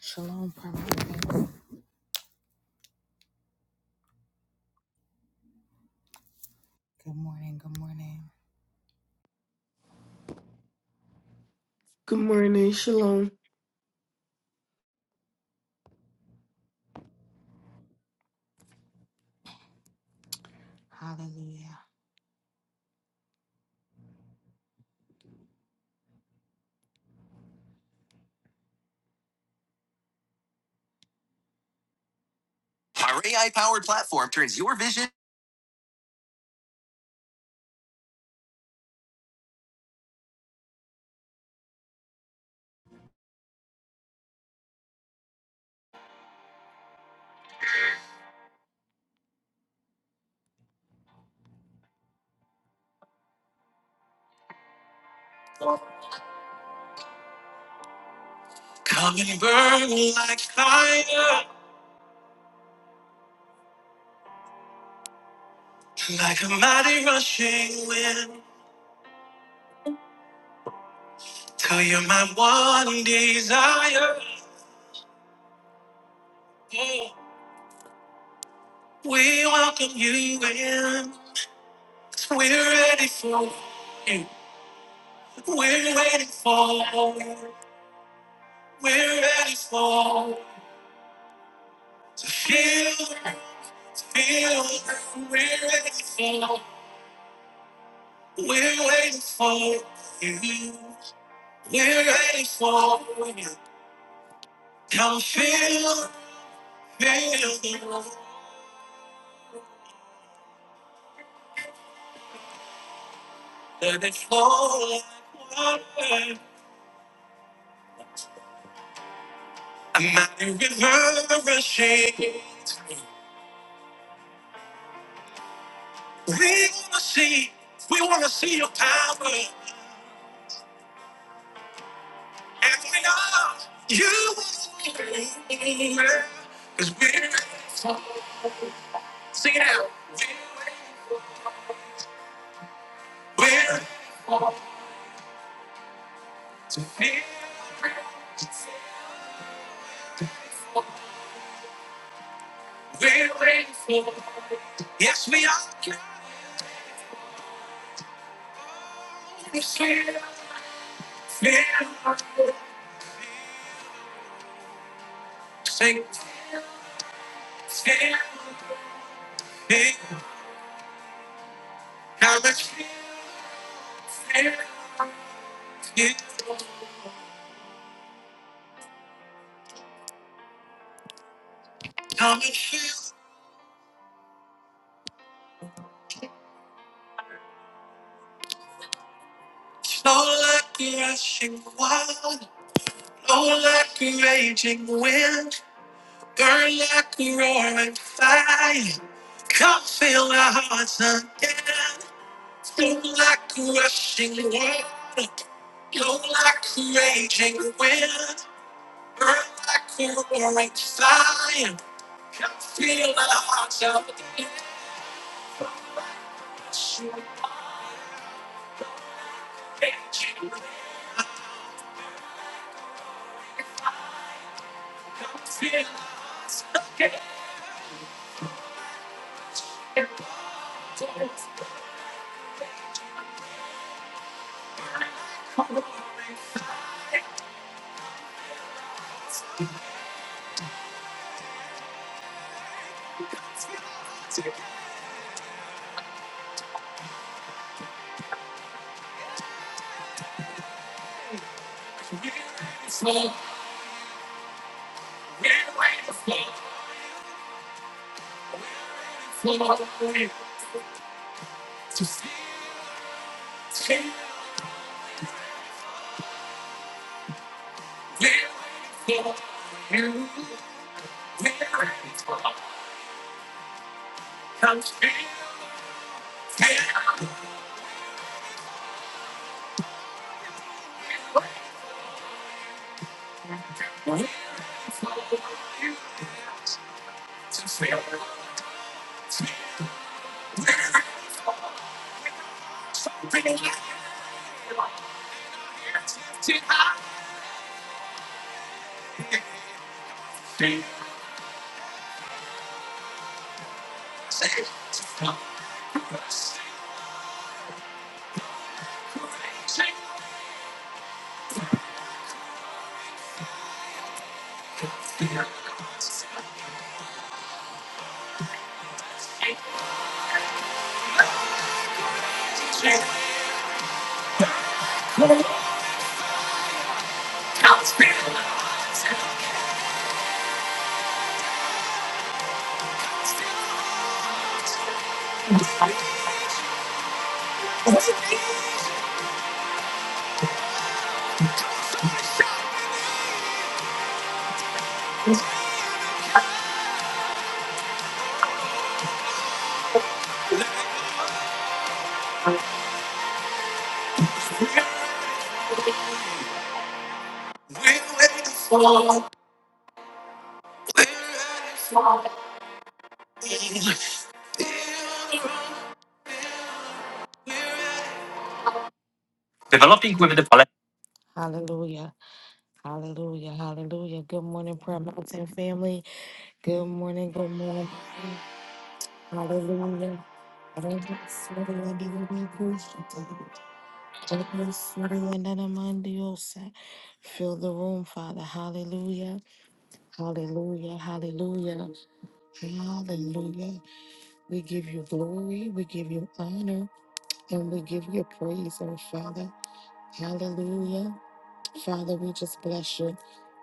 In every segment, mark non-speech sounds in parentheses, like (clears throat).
Shalom, Pravarti. Good morning, good morning. Good morning, Shalom. Hallelujah. Our AI powered platform turns your vision. Come and burn like fire, like a mighty rushing wind. Till you're my one desire. Oh, We welcome you in. We're ready for you. We're waiting for you. We're ready for you. to feel, to feel. We're ready for. you. We're waiting for you. We're waiting for you. Come feel, feel the room. Let it flow like water. A mighty river rushing through. We wanna see, we wanna see your power. And we know you will. Cause we're waiting for, sing it out. We're waiting, we're to feel, to feel. We're waiting for. Yes, we are. Feel, feel, sing, feel, feel. How much feel, feel, feel. How much feel. Flow like a rushing water, blow like a raging wind, burn like a roaring fire. Come fill our hearts again, flow like a rushing water, blow like a raging wind. Hallelujah. Hallelujah. Hallelujah. Good morning, Prayer Mountain family. Good morning. Good morning. Hallelujah. Hallelujah. Yandanamandiosa. Fill the room, Father. Hallelujah. Hallelujah. Hallelujah. Hallelujah. We give you glory. We give you honor. And we give you praise, oh Father. Hallelujah. Father, we just bless you.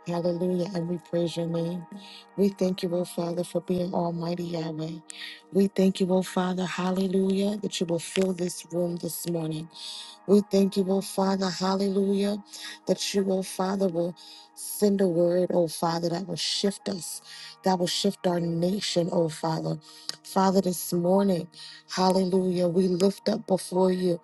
Hallelujah. And we praise your name. We thank you, oh Father, for being Almighty Yahweh. We thank you, oh Father. Hallelujah. That you will fill this room this morning. We thank you, oh Father, hallelujah, that you, oh Father, will send a word, oh Father, that will shift us, that will shift our nation, oh Father. Father, this morning, hallelujah, we lift up before you,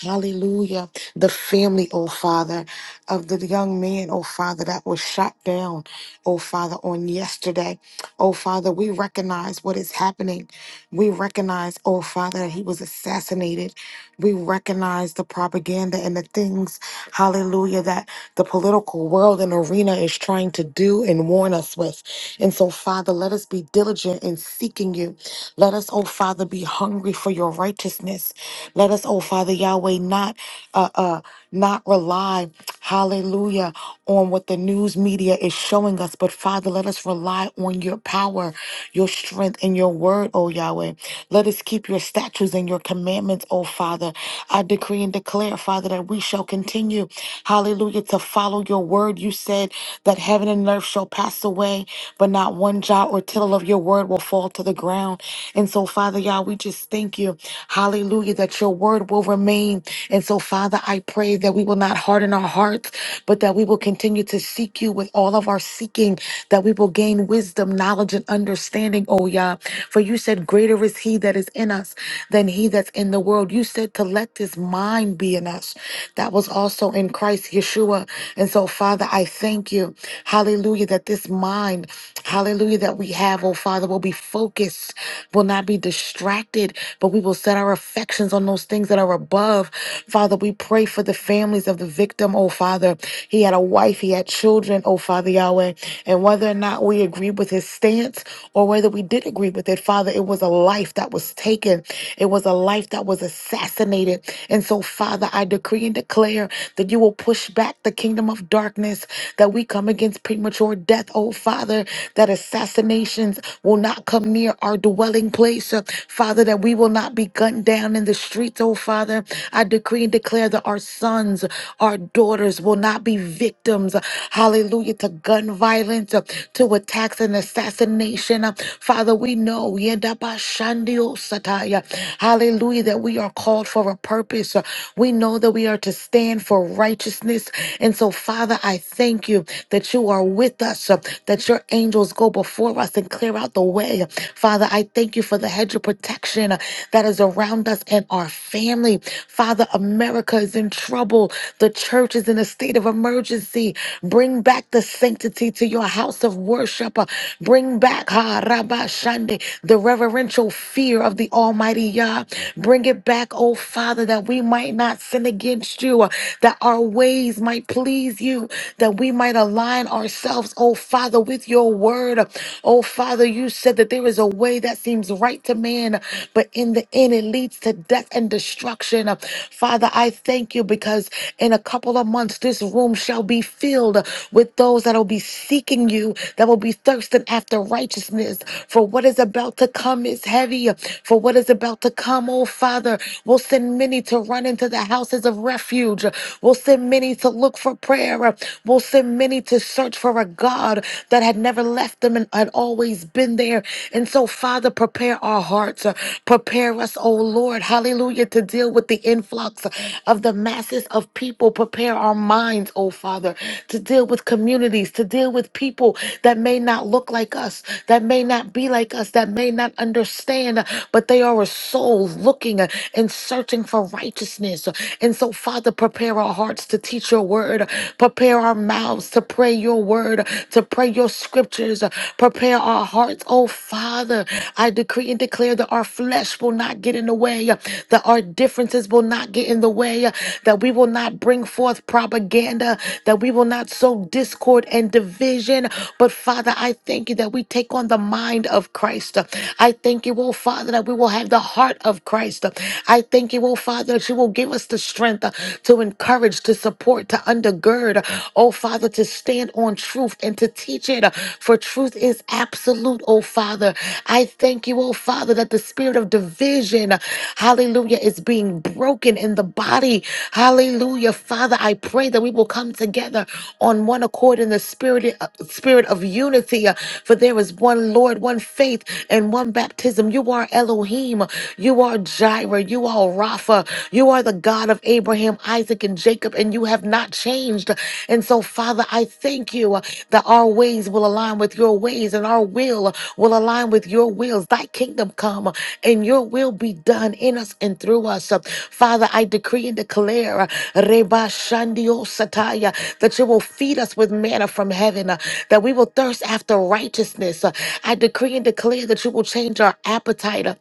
hallelujah, the family, oh Father, of the young man, oh Father, that was shot down, oh Father, on yesterday. Oh Father, we recognize what is happening. We recognize, oh Father, that he was assassinated. We recognize the propaganda and the things, hallelujah, that the political world and arena is trying to do and warn us with. And so, Father, let us be diligent in seeking you. Let us, oh Father, be hungry for your righteousness. Let us, oh Father Yahweh, not uh uh not rely, hallelujah, on what the news media is showing us, but Father, let us rely on your power, your strength, and your word, oh Yahweh. Let us keep your statutes and your commandments, oh Father. I decree and declare, Father, that that we shall continue, hallelujah, to follow your word. You said that heaven and earth shall pass away, but not one jot or tittle of your word will fall to the ground. And so, Father God, we just thank you, hallelujah, that your word will remain. And so, Father, I pray that we will not harden our hearts, but that we will continue to seek you with all of our seeking, that we will gain wisdom, knowledge, and understanding, oh Yah. For you said, Greater is he that is in us than he that's in the world. You said said to let this mind be in us that was also in Christ Yeshua. And so, Father, I thank you, hallelujah, that this mind, hallelujah, that we have, oh Father, will be focused, will not be distracted, but we will set our affections on those things that are above. Father, we pray for the families of the victim, oh Father. He had a wife, he had children, oh Father Yahweh. And whether or not we agreed with his stance or whether we did agree with it, Father, it was a life that was taken taken. It was a life that was assassinated. And so, Father, I decree and declare that you will push back the kingdom of darkness, that we come against premature death, oh Father, that assassinations will not come near our dwelling place, Uh, Father, that we will not be gunned down in the streets, oh Father. I decree and declare that our sons, our daughters will not be victims, uh, hallelujah, to gun violence, uh, to attacks and assassination. Uh, Father, we know, Yedabashandio sataya, hallelujah, that we are called for a purpose. We know that we are to stand for righteousness. And so, Father, I thank you that you are with us, uh, that your angels go before us and clear out the way. Father, I thank you for the hedge of protection uh, that is around us and our family. Father, America is in trouble. The church is in a state of emergency. Bring back the sanctity to your house of worship worship. Bring back ha Rabba Shande the reverential fear of the Almighty Yah. Bring it back, oh Father, that we might not sin against you, that our ways might please you, that we might align ourselves, oh Father, with your word. Oh Father, you said that there is a way that seems right to man, but in the end it leads to death and destruction. Father, I thank you because in a couple of months this room shall be filled with those those that will be seeking you, that will be thirsting after righteousness. For what is about to come is heavy. For what is about to come, oh Father, will send many to run into the houses of refuge. will send many to look for prayer. will send many to search for a God that had never left them and had always been there. And so, Father, prepare our hearts. Prepare us, oh Lord, hallelujah, to deal with the influx of the masses of people. Prepare our minds minds, oh Father, to deal with communities, to deal with people that may not look like us, that may not be like us, that may not understand, but they are a soul looking and searching for righteousness. And so, Father, prepare our hearts to teach your word, prepare our mouths to pray your word, to pray your scriptures, prepare our hearts, oh Father. I decree and declare that our flesh will not get in the way, that our differences will not get in the way, hallelujah, that we will not bring forth propaganda, that we will not sow discord and division. But Father, I thank you that we take on the mind of Christ. I thank you, oh Father, that we will have the heart of Christ. I thank you, oh Father, that you will give us the strength to encourage, to support, to undergird, oh Father, to stand on truth and to teach it. For truth is absolute, oh Father. I thank you, oh Father, that the spirit of division, hallelujah hallelujah, is being broken in the body. Hallelujah. Father, I pray that we will come together on one accord in the spirit, uh, spirit of unity. uh, For there is one Lord, one faith, and one baptism. You are Elohim. You are Jireh. You are Rapha. You are the God of Abraham, Isaac, and Jacob, and you have not changed. And so, Father, I thank you uh, that our ways will align with your ways and our will will align with your wills. Thy kingdom come and your will be done in us and through us. Father, I decree and declare uh, Reba Shandio Sataya, that you will feed us with manna from heaven, uh, that we will thirst after righteousness. Uh, I decree and declare that you will change our appetite. uh,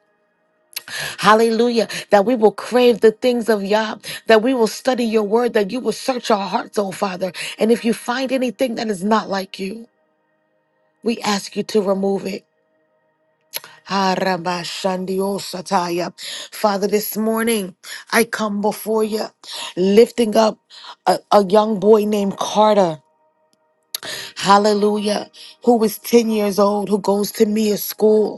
Hallelujah. That we will crave the things of Yah, that we will study your word, that you will search our hearts, oh Father. And if you find anything that is not like you, we ask you to remove it. Harabashandiosataya. Father, this morning I come before you lifting up a, a young boy named Carter, hallelujah, who is 10 years old, who goes to Mia school.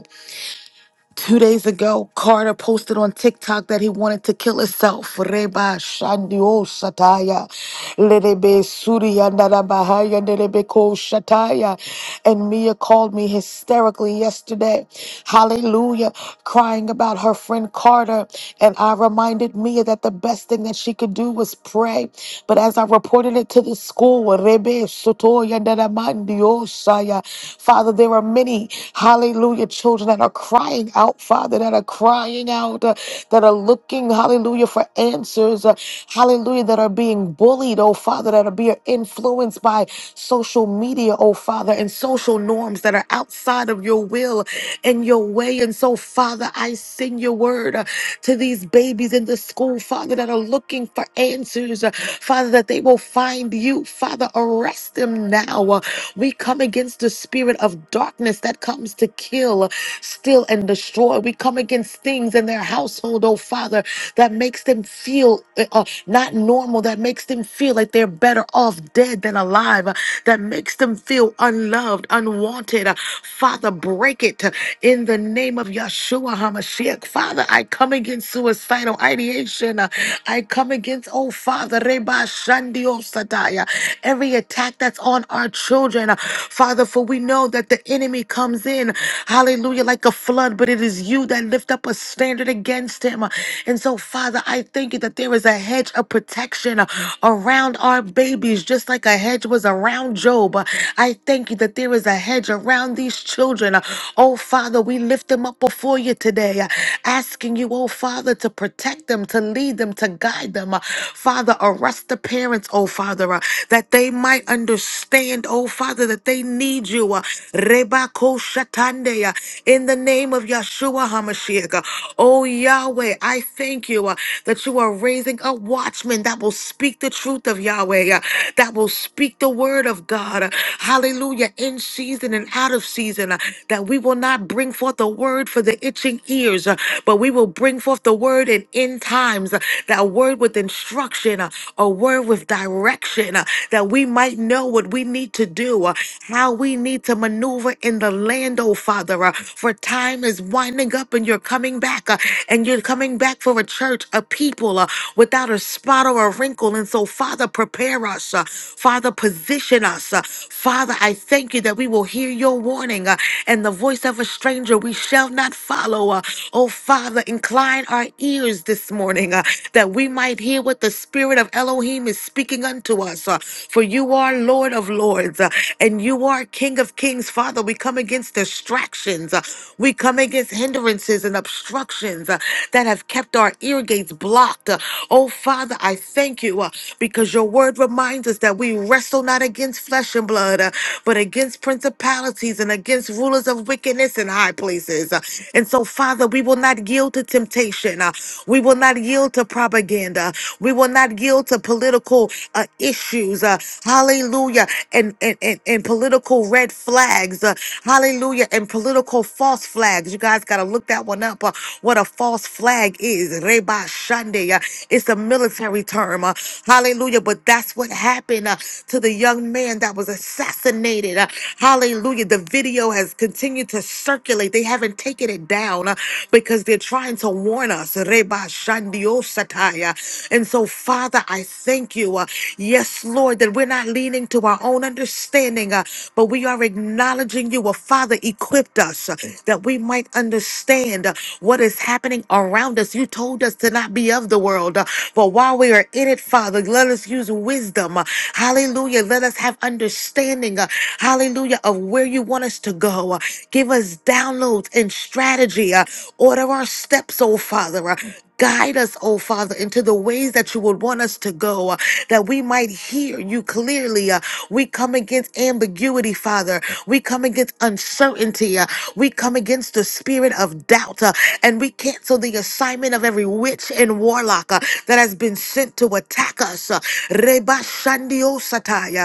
Two days ago, Carter posted on TikTok that he wanted to kill himself. Reba Shandio Sataya. Lerebe Surya Narabahaya Nerebe Ko Shataya. And Mia called me hysterically yesterday. Hallelujah. Crying about her friend Carter. And I reminded Mia that the best thing that she could do was pray. But as I reported it to the school, Rebe Sotoya Naramandio Saya. Father, there are many. Hallelujah. Children that are crying out, Father, that are crying out, uh, that are looking, hallelujah, for answers. uh, hallelujah, that are being bullied, oh Father, that are being influenced by social media, oh Father, and social norms that are outside of your will and your way. And so, Father, I send your word uh, to these babies in the school, Father, that are looking for answers, uh, Father, that they will find you. Father, arrest them now. Uh, we come against the a spirit of darkness that comes to kill, steal, and destroy. We come against things in their household, oh Father, that makes them feel uh, uh, not normal, that makes them feel like they're better off dead than alive, uh, that makes them feel unloved, unwanted. Uh, Father, break it uh, in the name of Yeshua HaMashiach. Father, I come against suicidal ideation. uh, I come against, oh Father, Reba Shandio Sataya, every attack that's on our children, Father, for we know that the enemy comes in, hallelujah, like a flood, but it is you that lift up a standard against him. And so, Father, I thank you that there is a hedge of protection around our babies, just like a hedge was around Job. I thank you that there is a hedge around these children. Oh, Father, we lift them up before you today, asking you, oh, Father, to protect them, to lead them, to guide them. Father, arrest the parents, oh, Father. Father, uh, that they might understand, oh Father, that they need you. uh, Rebako Shatande, uh, in the name of Yeshua HaMashiach. uh, Oh Yahweh, I thank you uh, that you are raising up watchmen that will speak the truth of Yahweh, uh, that will speak the word of God. uh, Hallelujah, in season and out of season, uh, that we will not bring forth a word for the itching ears, uh, but we will bring forth the word in end times, uh, that word with instruction instruction, uh, a word with direction, uh, that we might know what we need to do, uh, how we need to maneuver in the land, oh Father. uh, For time is winding up and you're coming back, uh, and you're coming back for a church, a people uh, without a spot or a wrinkle. And so, Father, prepare us. uh, Father, position us. uh, Father, I thank you that we will hear your warning uh, and the voice of a stranger we shall not follow. uh, oh, Father, incline our ears this morning morning uh, that we might hear what the Spirit of Elohim is speaking unto us. uh, for you are Lord of Lords uh, and you are King of Kings. Father, we come against distractions, uh, we come against hindrances and obstructions uh, that have kept our ear gates blocked. uh. oh, Father, I thank you uh, because your word reminds us that we wrestle not against flesh and blood, uh, but against principalities and against rulers of wickedness in high places. uh. and so, Father, we will not yield yield to temptation. Uh, We will not yield to propaganda. We will not yield to political uh, issues. Uh, Hallelujah. And, and, and, and political red flags. Uh, Hallelujah. And political false flags. You guys got to look that one up. uh, What a false flag is. Reba Shande. Uh, It's a military term. Uh, Hallelujah. But that's what happened uh, to the young man that was assassinated. Uh, Hallelujah. The video has continued to circulate. They haven't taking it down uh, because they're trying to warn us. Reba Shandio Sataya. And so, Father, I thank you. uh, Yes, Lord, that we're not leaning to our own understanding, uh, but we are acknowledging you. Well, Father, equipped us uh, that we might understand uh, what is happening around us. You told us to not be of the world, uh, but while we are in it, Father, let us use wisdom. uh, Hallelujah. Let us have understanding. uh, Hallelujah. Of where you want us to go go. Uh, Give us downloads and strategy. Uh, Order our steps, oh Father. Uh, Guide us, oh Father, into the ways that you would want us to go, uh, that we might hear you clearly. Uh, we come against ambiguity, Father. We come against uncertainty. Uh, we come against the spirit of doubt. Uh, and we cancel the assignment of every witch and warlock uh, that has been sent to attack us. Uh, Reba Shandio Sataya.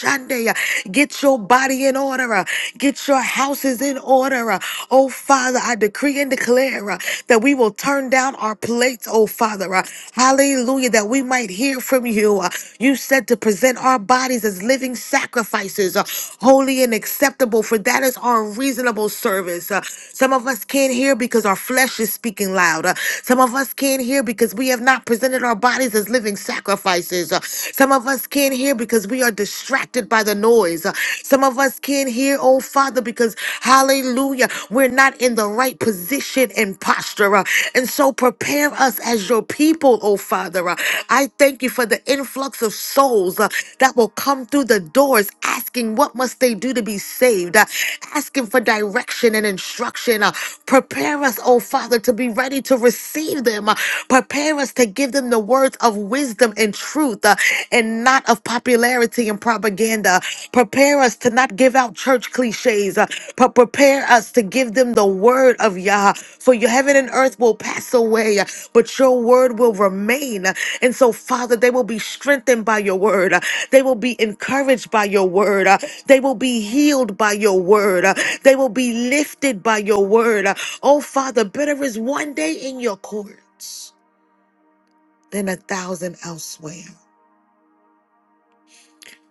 Shande. Get your body in order. uh, Get your houses in order. uh. Oh, Father, I decree and declare uh, that we will turn down our plates, oh, Father. uh, Hallelujah, that we might hear from you. uh. You said to present our bodies as living sacrifices, uh, holy and acceptable, for that is our reasonable service. uh. Some of us can't hear because our flesh is speaking loud. uh. Some of us can't hear because we have not presented our bodies as living sacrifices. uh. Some some of us can't hear because we are distracted by the noise. Uh, Some of us can't hear, oh Father, because hallelujah, we're not in the right position and posture. Uh, And so prepare us as your people, oh Father. Uh, I thank you for the influx of souls uh, that will come through the doors asking what must they do to be saved, uh, asking for direction and instruction. Uh, Prepare us, oh Father, to be ready to receive them. Uh, Prepare us to give them the words of of wisdom and truth uh, and not of popularity and propaganda. Prepare us to not give out church cliches, uh, but prepare us to give them the word of Yah. For your heaven and earth will pass away, uh, but your word will remain. And so, Father, they will be strengthened by your word. Uh, They will be encouraged by your word. Uh, They will be healed by your word. Uh, They will be lifted by your word. Uh, Oh, Father, better is one day in your courts than a thousand elsewhere.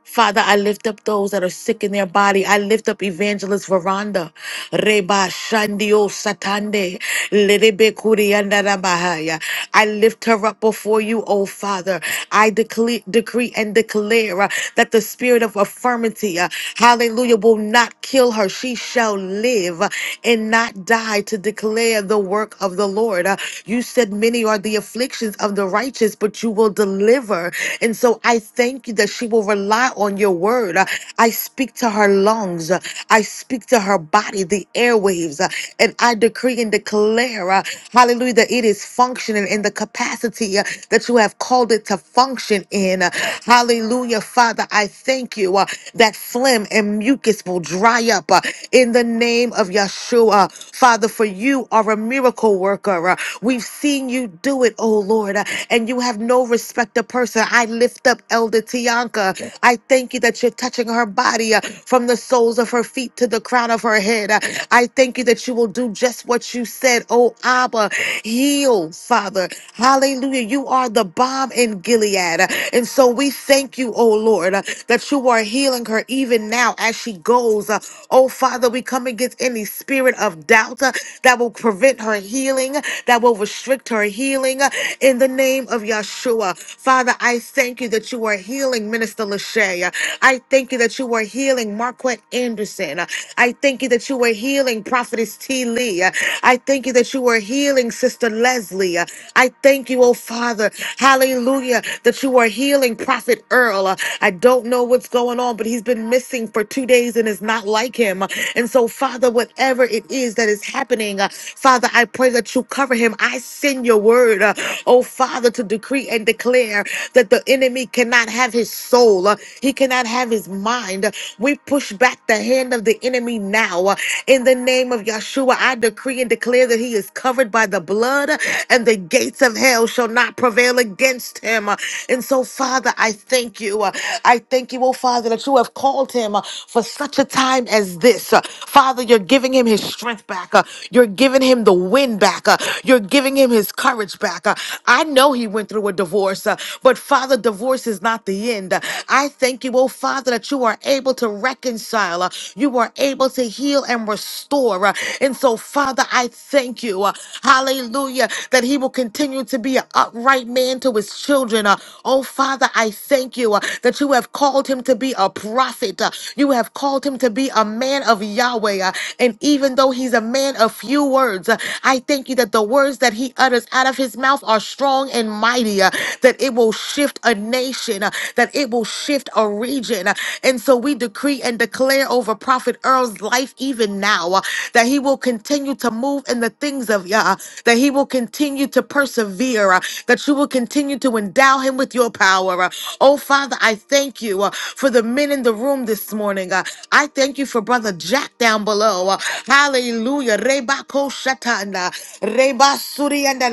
Father, I lift up those that are sick in their body. I lift up Evangelist Veranda. Reba Shandio Satande. Lerebe Kurianda Rabahaya. I lift her up before you, O Father. I decree, decree and declare uh, that the spirit of affirmity, uh, hallelujah, will not kill her. She shall live uh, and not die to declare the work of the Lord. Uh, you said, Many are the afflictions of the righteous, but you will deliver. And so I thank thank you that she will rely on your word. Uh, I speak to her lungs. Uh, I speak to her body, the airwaves. Uh, And I decree and declare, uh, hallelujah, that it is functioning in the capacity uh, that you have called it to function in. Uh, Hallelujah, Father. I thank you uh, that phlegm and mucus will dry up uh, in the name of Yeshua. Father, for you are a miracle worker. Uh, We've seen you do it, oh Lord, uh, and you have no respect of person person. I lift up Elder Tianka. I thank you that you're touching her body uh, from the soles of her feet to the crown of her head. Uh, I thank you that you will do just what you said. Oh, Abba, heal, Father. Hallelujah. You are the bomb in Gilead. Uh, And so we thank you, oh Lord, uh, that you are healing her even now as she goes. Uh, Oh, Father, we come against any spirit of doubt uh, that will prevent her healing, that will restrict her healing uh, in the name of Yeshua. Father, I thank you that you are healing Minister Lachey. I thank you that you are healing Marquette Anderson. I thank you that you are healing Prophetess T. Lee. I thank you that you are healing Sister Leslie. I thank you, oh Father, hallelujah, that you are healing Prophet Earl. I don't know what's going on, but he's been missing for two days and it's not like him. And so, Father, whatever it is that is happening, Father, I pray that you cover him. I send your word uh, oh Father, to decree and declare that the enemy cannot have his soul, uh, he cannot have his mind. We push back the hand of the enemy now uh, in the name of Yeshua. I decree and declare that he is covered by the blood, uh, and the gates of hell shall not prevail against him. Uh, And so, Father, I thank you. Uh, I thank you, oh Father, that you have called him uh, for such a time as this. Uh, Father, you're giving him his strength back, Uh, you're giving him the wind back, Uh, you're giving him his courage back. Uh, I know he went through a divorce, uh, but Father, divorce is not the end. Uh, I thank you, oh Father, that you are able to reconcile. uh, You are able to heal and restore. uh, And so, Father, I thank you. uh, Hallelujah. That he will continue to be an upright man to his children. uh, Oh Father, I thank you uh, that you have called him to be a prophet. uh, You have called him to be a man of Yahweh. uh, And even though he's a man of few words. uh, I thank you that the words that he utters out of his mouth are strong and mighty, uh, that it will shift a nation, uh, that it will shift a region. uh, And so we decree and declare over Prophet Earl's life even now uh, that he will continue to move in the things of Yah, that he will continue to persevere, uh, that you will continue to endow him with your power. uh. Oh, Father, I thank you uh, for the men in the room this morning. uh. I thank you for Brother Jack down below. uh. Hallelujah. Reba ko shatanda. Reba suri anda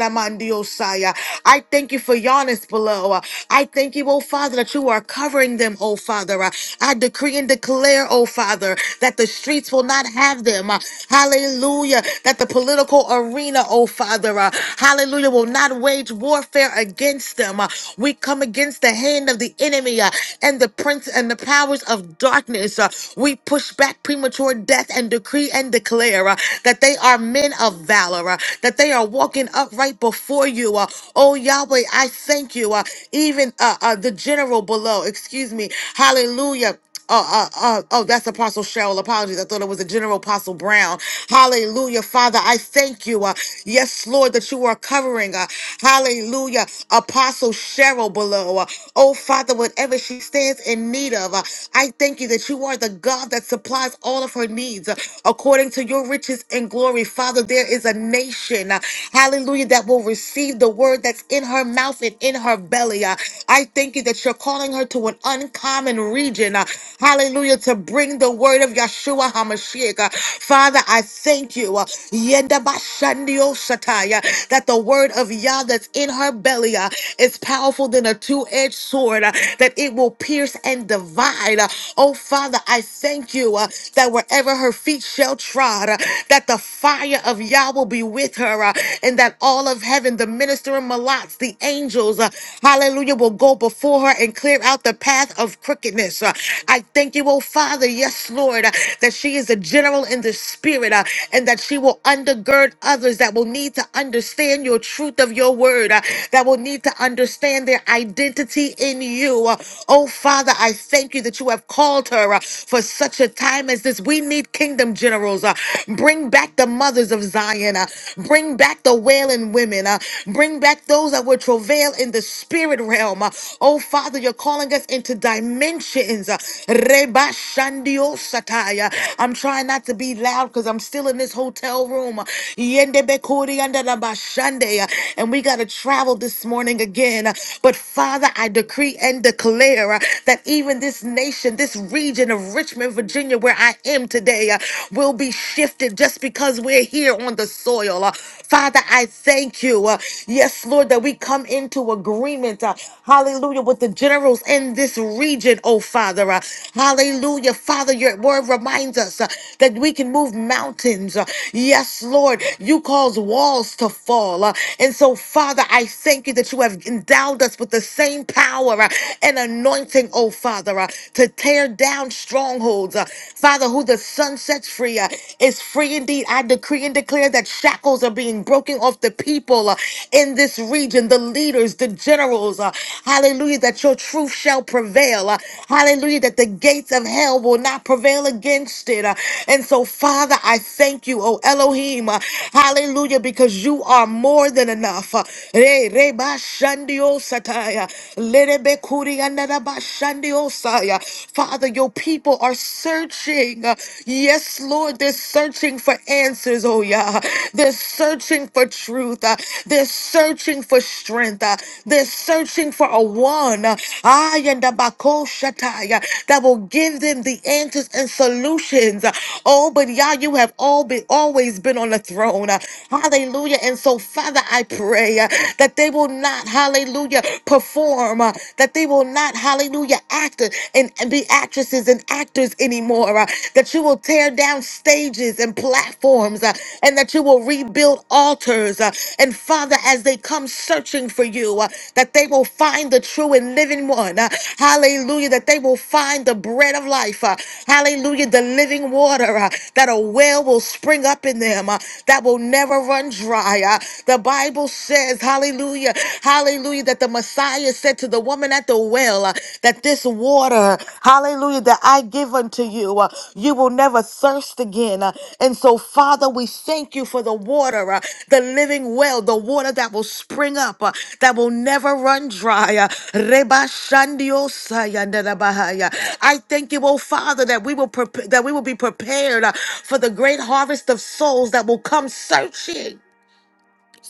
I thank you for Giannis below. I thank you, oh Father, that you are covering them, oh Father. I decree and declare, oh Father, that the streets will not have them. Hallelujah. That the political arena, oh Father, uh, hallelujah, will not wage warfare against them. Uh, We come against the hand of the enemy uh, and the prince and the powers of darkness. Uh, We push back premature death and decree decree and declare uh, that they are men of valor, uh, that they are walking upright before you. uh, oh, Yahweh, I thank you. uh, even uh, uh, the general below, excuse me, hallelujah. Oh, uh, uh, oh, that's Apostle Cheryl. Apologies. I thought it was a General Apostle Brown. Hallelujah. Father, I thank you. Uh, yes, Lord, that you are covering. Uh, hallelujah. Apostle Cheryl below. Uh, oh, Father, whatever she stands in need of, uh, I thank you that you are the God that supplies all all of her needs uh, according to your riches and glory. Father, there is a nation, uh, hallelujah, that will receive the word that's in her mouth and in her belly. uh. I thank you that you're calling her to an uncommon region, uh, hallelujah, to bring the word of Yeshua HaMashiach. uh. Father, I thank you uh, Yenda Bashandio Shataya, that the word of Yah that's in her belly uh, is powerful than a two edged sword, uh, that it will pierce and divide. Uh, Oh, Father, I thank you uh, that wherever her feet shall trod, uh, that the fire of Yah will be with her, uh, and that all of heaven, the ministering Malats, the angels, uh, hallelujah, will go before her and clear out the path of crookedness. uh. I thank you, oh Father, yes, Lord, uh, that she is a general in the spirit, uh, and that she will undergird others that will need to understand your truth of your word, uh, that will need to understand their identity in you. uh. Oh Father, I thank you that you that you have called her uh, for such a time as this. We need kingdom generals. uh, Bring back the mothers of Zion. uh, Bring back the wailing women. uh, Bring back those that will travail in the spirit realm. uh. Oh, Father, you're calling us into dimensions. uh, Reba Shandio Sataya. I'm trying not to be loud because I'm still in this hotel room. uh, Yende Bekuri Yanda Laba Shande, uh, And we got to travel this morning again. uh, But Father, I decree and declare uh, that even this nation, this region of Richmond, Virginia, where I am today, uh, will be shifted just because we're here on the soil. Uh, Father, I thank you. uh, yes, Lord, that we come into agreement, uh, hallelujah, with the generals in this region, oh Father. uh, hallelujah. Father, your word reminds us uh, that we can move mountains. uh, yes, Lord, you cause walls to fall. uh, and so, Father, I thank you that you have endowed us with the same power power uh, and anointing, oh Father, uh, to tear down strongholds. uh, Father, who the sun sets free uh, is free indeed. I decree and declare that shackles are being broken off the people uh, in this region, the leaders, the generals. uh, hallelujah, that your truth shall prevail. uh, hallelujah, that the gates of hell will not prevail against it. uh, and so, Father, I thank you, oh Elohim. uh, hallelujah, because you are more than enough. Uh, Re- re- ba- shandio osataya. Lerebe kuri anarabashandi osaya. Father, your people are searching. Yes, Lord, they're searching for answers, oh yeah. They're searching for truth. Uh, They're searching for strength. Uh, They're searching for a one. uh, ay, and a bako shatai, uh, That will give them the answers and solutions. Uh, Oh, but Yah, you have all been always been on the throne. Uh, Hallelujah. And so, Father, I pray uh, that that they will not, hallelujah, perform, uh, that they will not, hallelujah, act and, and be actresses and actors anymore, uh, that you will tear down stages and platforms, uh, and that you will rebuild altars. uh, and Father, as they come searching for you, uh, that they will find the true and living one, uh, hallelujah, that they will find the bread of life, uh, hallelujah, the living water, uh, that a well will spring up in them, uh, that will never run dry. uh, the Bible Bible says, hallelujah, hallelujah, that the Messiah said to the woman at the well, uh, that this water, hallelujah, that I give unto you, uh, you will never thirst again. Uh, And so, Father, we thank you for the water, uh, the living well, the water that will spring up, uh, that will never run dry. Uh, Reba Shandio Saya Nada Bahaya. I thank you, oh Father, that we will prepare, that we will be prepared uh, for the great harvest of souls that will come searching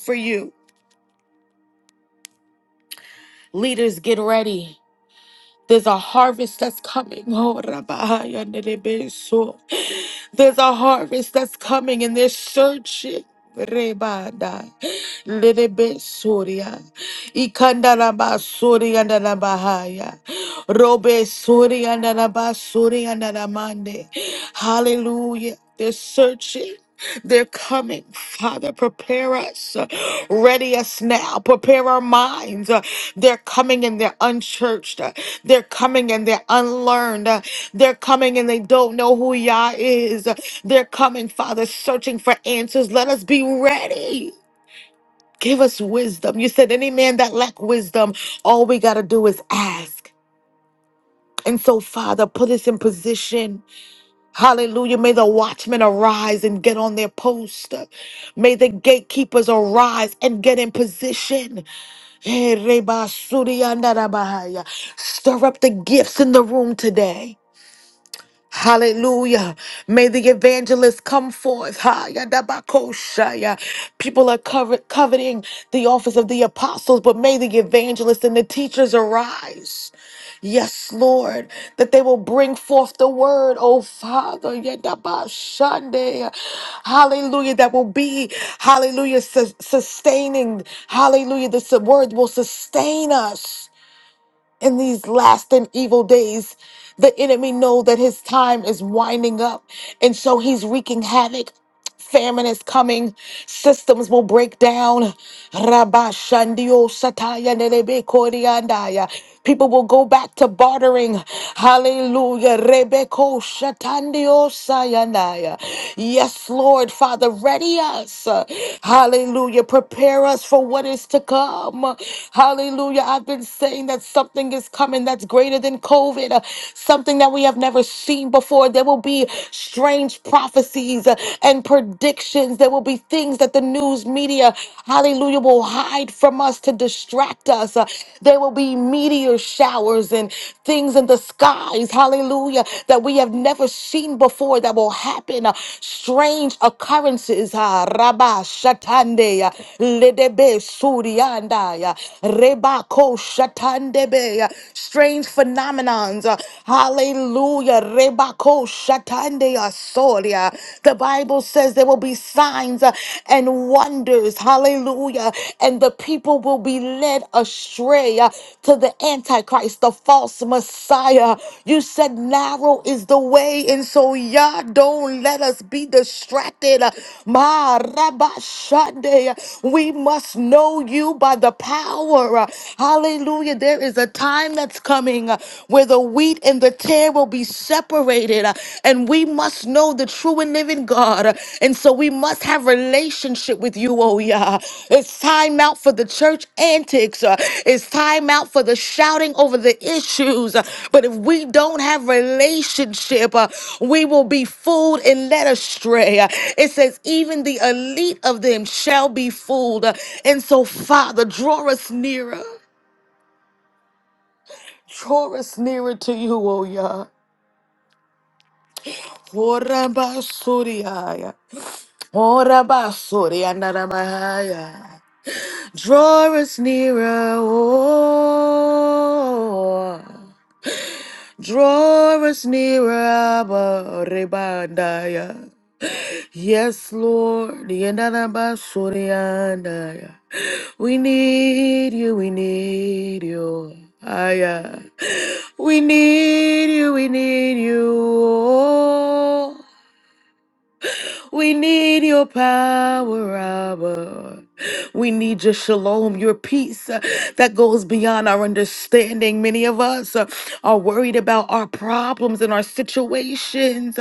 for you. Leaders, get ready. There's a harvest that's coming. (laughs) Oh, Rabahaya Nerebeso. There's a harvest that's coming and they're searching. Rebada. Nerebesoria. Ikandarabasoria Narabahaya. Robesoria Narabasuria Naramande. Hallelujah. They're searching. They're coming. Father, prepare us. Ready us now. Prepare our minds. Uh, They're coming and they're unchurched. Uh, They're coming and they're unlearned. Uh, They're coming and they don't know who Yah is. Uh, They're coming, Father, searching for answers. Let us be ready. Give us wisdom. You said any man that lack wisdom, all we got to do is ask. And so, Father, put us in position. Hallelujah. May the watchmen arise and get on their post. May the gatekeepers arise and get in position. Eh, reba suri andarabahaya. Stir up the gifts in the room today. Hallelujah. May the evangelist come forth. Ha, yadabakoshaya. People are covet- coveting the office of the apostles, but may the evangelists and the teachers arise. Yes, Lord, that they will bring forth the word, oh Father. yadabashande. Hallelujah. That will be, hallelujah, sus- sustaining. Hallelujah. This word will sustain us in these last and evil days the enemy know that his time is winding up and so he's wreaking havoc Famine is coming. Systems will break down. Rabashandio sataya nerebe koriandaya. People will go back to bartering. Hallelujah. Rebeko shatandio sayanaya. Yes, Lord, Father, ready us. Hallelujah. Prepare us for what is to come. Hallelujah. I've been saying that something is coming that's greater than COVID, uh, something that we have never seen before. There will be strange prophecies uh, and predictions. There will be things that the news media, hallelujah, will hide from us to distract us. Uh, There will be meteor showers and things in the skies, hallelujah, that we have never seen before that will happen. Uh, Strange occurrences. ah, Rabba Shatande, ah, Ledebe Surianda, ah, Reba Ko Shatandebe, ah, strange phenomenons. ah, Hallelujah. Hallelujah. Rebako shatande asoria. The Bible says there will be signs uh, and wonders. Hallelujah. And the people will be led astray uh, to the Antichrist, the false Messiah. You said narrow is the way. And so, Yah, don't let us be distracted. Ma rabashande. We must know you by the power. Hallelujah. There is a time that's coming coming uh, where the wheat and the tare will be separated. uh, And we must know the true and living God. uh, And so we must have relationship with you, oh yeah. It's time out for the church antics. uh, It's time out for the shouting over the issues. uh, But if we don't have relationship, uh, we will be fooled and led astray. Uh, It says, even the elite of them shall be fooled. Uh, And so, Father, draw us nearer. Draw us nearer to you, O Yah. Ora basuriaya. Ora basuria naramahaya. Draw us nearer, oh. Draw us nearer, Abba Rebandaya. Yes, Lord. Yenarabasorianda. We need you, we need you. Aya. We need you, we need you. We need your power, Abba. We need your shalom, your peace uh, that goes beyond our understanding. Many of us uh, are worried about our problems and our situations.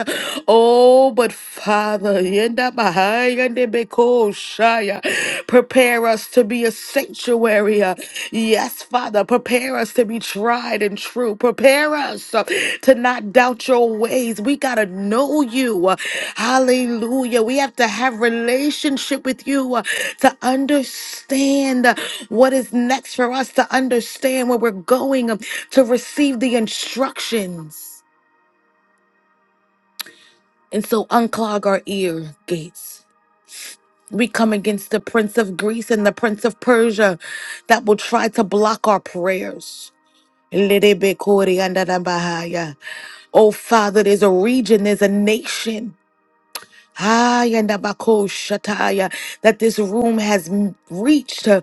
Oh, but Father, yenda bahaya ndebeko shaya. prepare us to be a sanctuary area. Yes, Father, prepare us to be tried and true. Prepare us uh, to not doubt your ways. We got to know you. Uh, Hallelujah. We have to have relationship with you uh, to understand uh, what is next for us to understand where we're going um, to receive the instructions. And so unclog our ear gates. We come against the prince of Greece and the prince of Persia that will try to block our prayers. Lerebe kori anda da bahaya. Oh, Father, there's a region, there's a nation. Ayanabakoshataya, that this room has m- reached. Uh,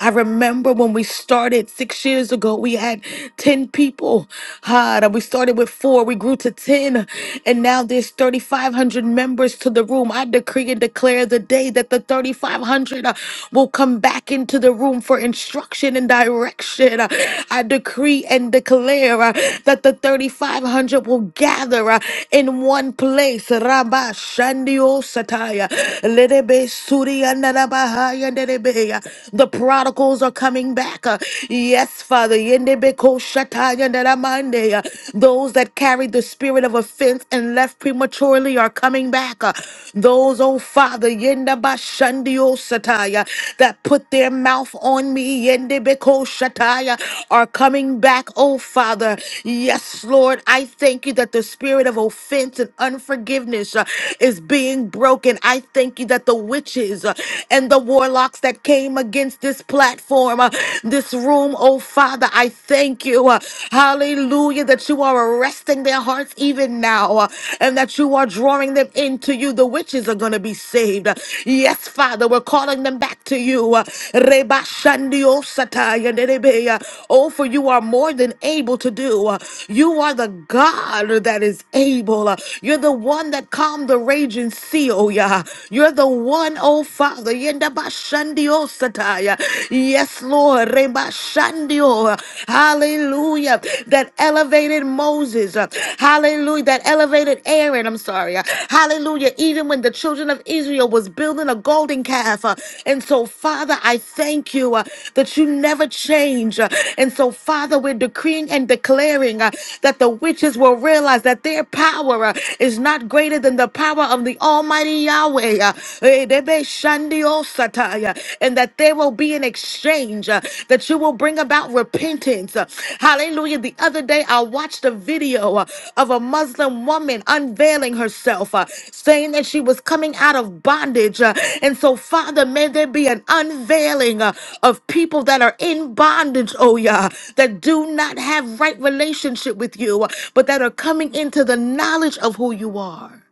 I remember when we started six years ago, we had 10 people. Ah, that we started with four, we grew to 10, and now there's 3,500 members to the room. I decree and declare the day that the 3,500 uh, will come back into the room for instruction and direction. Uh, I decree and declare uh, that the 3,500 will gather uh, in one place. Rabba andio sataya. Lerebe suri andarabahaya nderebeya. The prodigals are coming back. uh, Yes, Father. Yendebe ko shataya ndaramandeya. Those that carried the spirit of offense and left prematurely are coming back. uh, Those, oh Father, yendabashandio sataya, that put their mouth on me yendebe shataya, are coming back, oh Father. Yes, Lord, I thank you that the spirit of offense and unforgiveness uh, is being broken. I thank you that the witches uh, and the warlocks that came against this platform, uh, this room, oh Father, I thank you. uh, Hallelujah, that you are arresting their hearts even now uh, and that you are drawing them into you. The witches are going to be saved. Yes, Father, we're calling them back to you. Uh, Reba Shandio Sataya Nerebe, uh, Oh, for you are more than able to do. Uh, You are the God that is able. Uh, You're the one that calmed calm the raging sea, oh yeah. You're the one, oh Father. Yenda ba shandi oh sataya. Yes, Lord. Reba shandi oh. Hallelujah. That elevated Moses. uh, Hallelujah. That elevated Aaron. I'm sorry. uh, Hallelujah. Even when the children of Israel was building a golden calf. uh, And so, Father, I thank you uh, that you never change. uh, And so, Father, we're decreeing and declaring uh, that the witches will realize that their power uh, is not greater than the in the power of the Almighty Yahweh. uh, eh, debe shandio sataya, And that there will be an exchange, uh, that you will bring about repentance. uh, Hallelujah. The other day, I watched a video uh, of a Muslim woman unveiling herself, uh, saying that she was coming out of bondage. uh, And so, Father, may there be an unveiling uh, of people that are in bondage, oh yeah, that do not have right relationship with you, uh, but that are coming into the knowledge of who you are.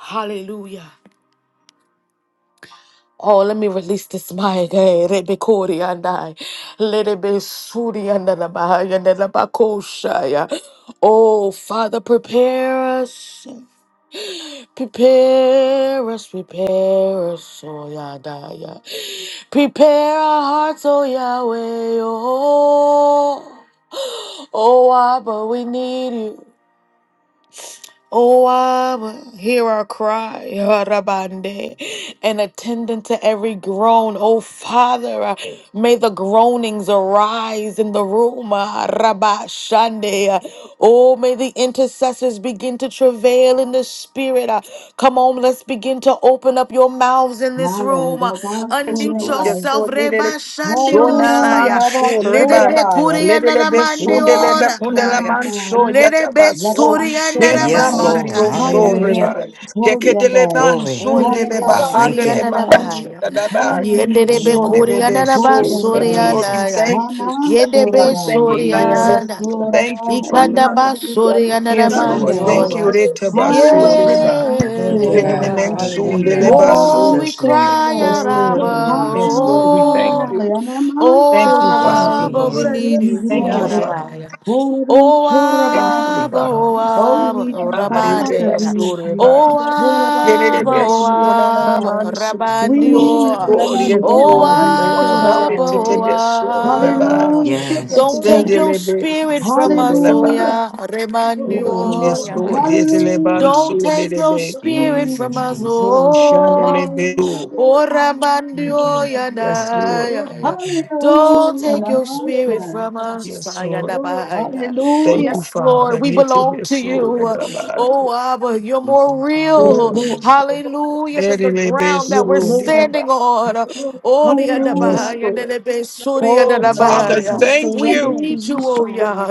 Hallelujah. Oh, let me release this mic. eh, Rebekori and I. Let it be Suri and the Rabahai and the Rabakoshaya. Oh, Father, prepare us. Prepare us, prepare us, oh Yadaya. Prepare our hearts, oh Yahweh, oh. Oh, Abba, we need you. Oh, Abba, hear our cry, Harabande, and attend to every groan. Oh, Father, uh, may the groanings arise in the room, Harabashande. Oh, may the intercessors begin to travail travail in the spirit. Uh, Come on, let's begin to open up your mouths in this Higher, room. Uh, Leva Yes, Unmute Lord, yes, Surabaya. yourself. Lord. Little Reba so na Hallelujah, man Shandiosaya. Leva so reba. Ledebe Surabaya. Little bit so Leva de lebe and kundela Kurianamandioradaya. man so Surabaya. Ledebe yataba Leva so. and Yeta Yes, Surabaya. man di Lord. o Surianamashata. Higher so again, Hallelujah. reba. Yekedele Surabaya. man Glory. so Oh, de Orebe Leva We leba thank you. handele suriana ma na Surabaya. unche bahaya. tadaba. Higher Yenderebe So again, de kuriana lebe Shandabahaya. na so. Yes, Yes, Surabaya. Lord, we basuriana Jesus. ya. thank you. Haman We Yendebe thank Surabaya. you, Lord. Jesus. Yes, suriana. Lord, Thank I you, Father. Ikanda am the holy and basuriana na Yes, Blood of Lord, Surabaya. thank Jesus. you. mandioya. Reta Hallelujah, baso Thank you, God. reba. Cover the Thank you, woman of Yenene God. God men Yeah. right so now de in Hallelujah. Oh, leba we Jesus' name. cry Yes, out, Yea, Lord, Lord. Abba, I'm Hallelujah. Yes, ashamed. Lord. We thank oh, Hallelujah, Hallelujah. you. Yana Oh, Thank you, Yes, Thank Mansurabai. you, Father. Abba, we God. Jesus. We need need you, you, Thank you, Lord Thank Lord. you, Father. God. Abba. Oh, O Thank you, Mansurabai. Abba, Thank you, Father. O Lord. Oh, we Abba, need O you, Ah, Mm, you to Father. Rabande. We best need order you. by. O Touch Oh, Rabban Get it a Abba, God. bit Suri O and the soon, na, na, Touch, na, Abba, man, Ansai. so. We need touch you, God. Rabandio. we Lord, need yes, you. In O the Lord, you Rabban know name You're of all Jesus. listening. about Abba, it. It's a O Surabai. bit sure, In the name Rabbi. of Abba. Hallelujah. Jesus, Shake Yes. this us is Don't Send take a again. your little bit what i me. spirit soon, from us, O Rabbi. Hallelujah. Ya, I Yes, will Oh, Remandio. rejoice yes, Lord. and be Ya, Lord. ya. glad Yes, a in it. little bit Hallelujah. Don't soon, Mhm. take little your bit. We spirit need from Jesus, Yeah, you, us, Lord. Jesus, Oh, Jesus. O. chandelier, bit. Hallelujah. Oh, And O I'm Thank you. Rabandio, Ya, Yes, Thank you, na, Lord. Lord. Ya, Hallelujah. Ya. Thank you. Don't Hallelujah. take your Jesus, spirit Jesus, Namaste. from Jesus, us. Jesus, Yes, Lord. Jesus, Jesus, Ayadabaya. Thank Hallelujah. you, Yes, Father. Lord, we Yes, a belong bit to soon, you. Rabbi. Oh, Jesus, Abba, you're more People from the Yes, real. Lord. Lord. Jesus, Hallelujah. Jesus, Than the ground Yes, that Yes, we're Lord. Lord. standing on. Oh, Hallelujah. Yadabaya, Nelebe, Suri, Oh, Father, Yadabaya. Come Jesus. thank We surrender to you. need Jesus, you, you, Jesus, oh, Yah. Father.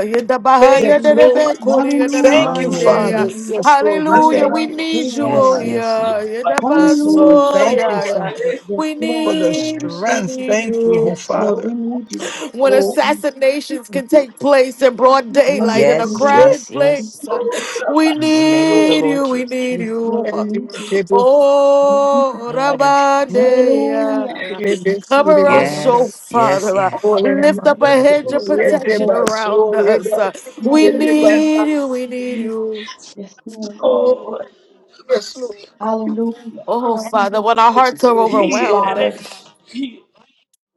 Thank Yes, Yadabaya, you, Lord. Lord. Nelebe, Kuri, Hallelujah. Thank you, Yadabande, Yah. Father. Hallelujah. Hallelujah. Yes, Lord, we Hallelujah. Surabha, thank We you. need you, oh, Yes, surabha. yes, Yah. Lord. Yes, Lord. Hallelujah. Yadabasori, Thank you, Yah, Oh, Yah. Father, Rebecca, Yes, We for Lord. the Rebecca. Have need you. mercy. We strength. need Thank you, oh Yes, you Lord. Oh, Father. We need you. when Oh, (laughs) assassinations thank can you. take place in broad We daylight need in a you, Yes, Lord. Shit. crowded yes, yes. place. We Rabbi. In the name of the need Lord you, we Jesus. need Yes, Oh, you. Lord. We need you. Oh, Blood of Jesus. Rabandeya. Hallelujah. Cover us, oh Yes, yes, Father. yes. Lift up a Blood of hedge of Jesus. Yes, protection Lord. around us. We Hallelujah. Hallelujah. need you, we need you. Yes, Lord. yes, Lord. Hallelujah. Oh, Father, Um, when our hearts are Yes, Here overwhelmed, it Father. is.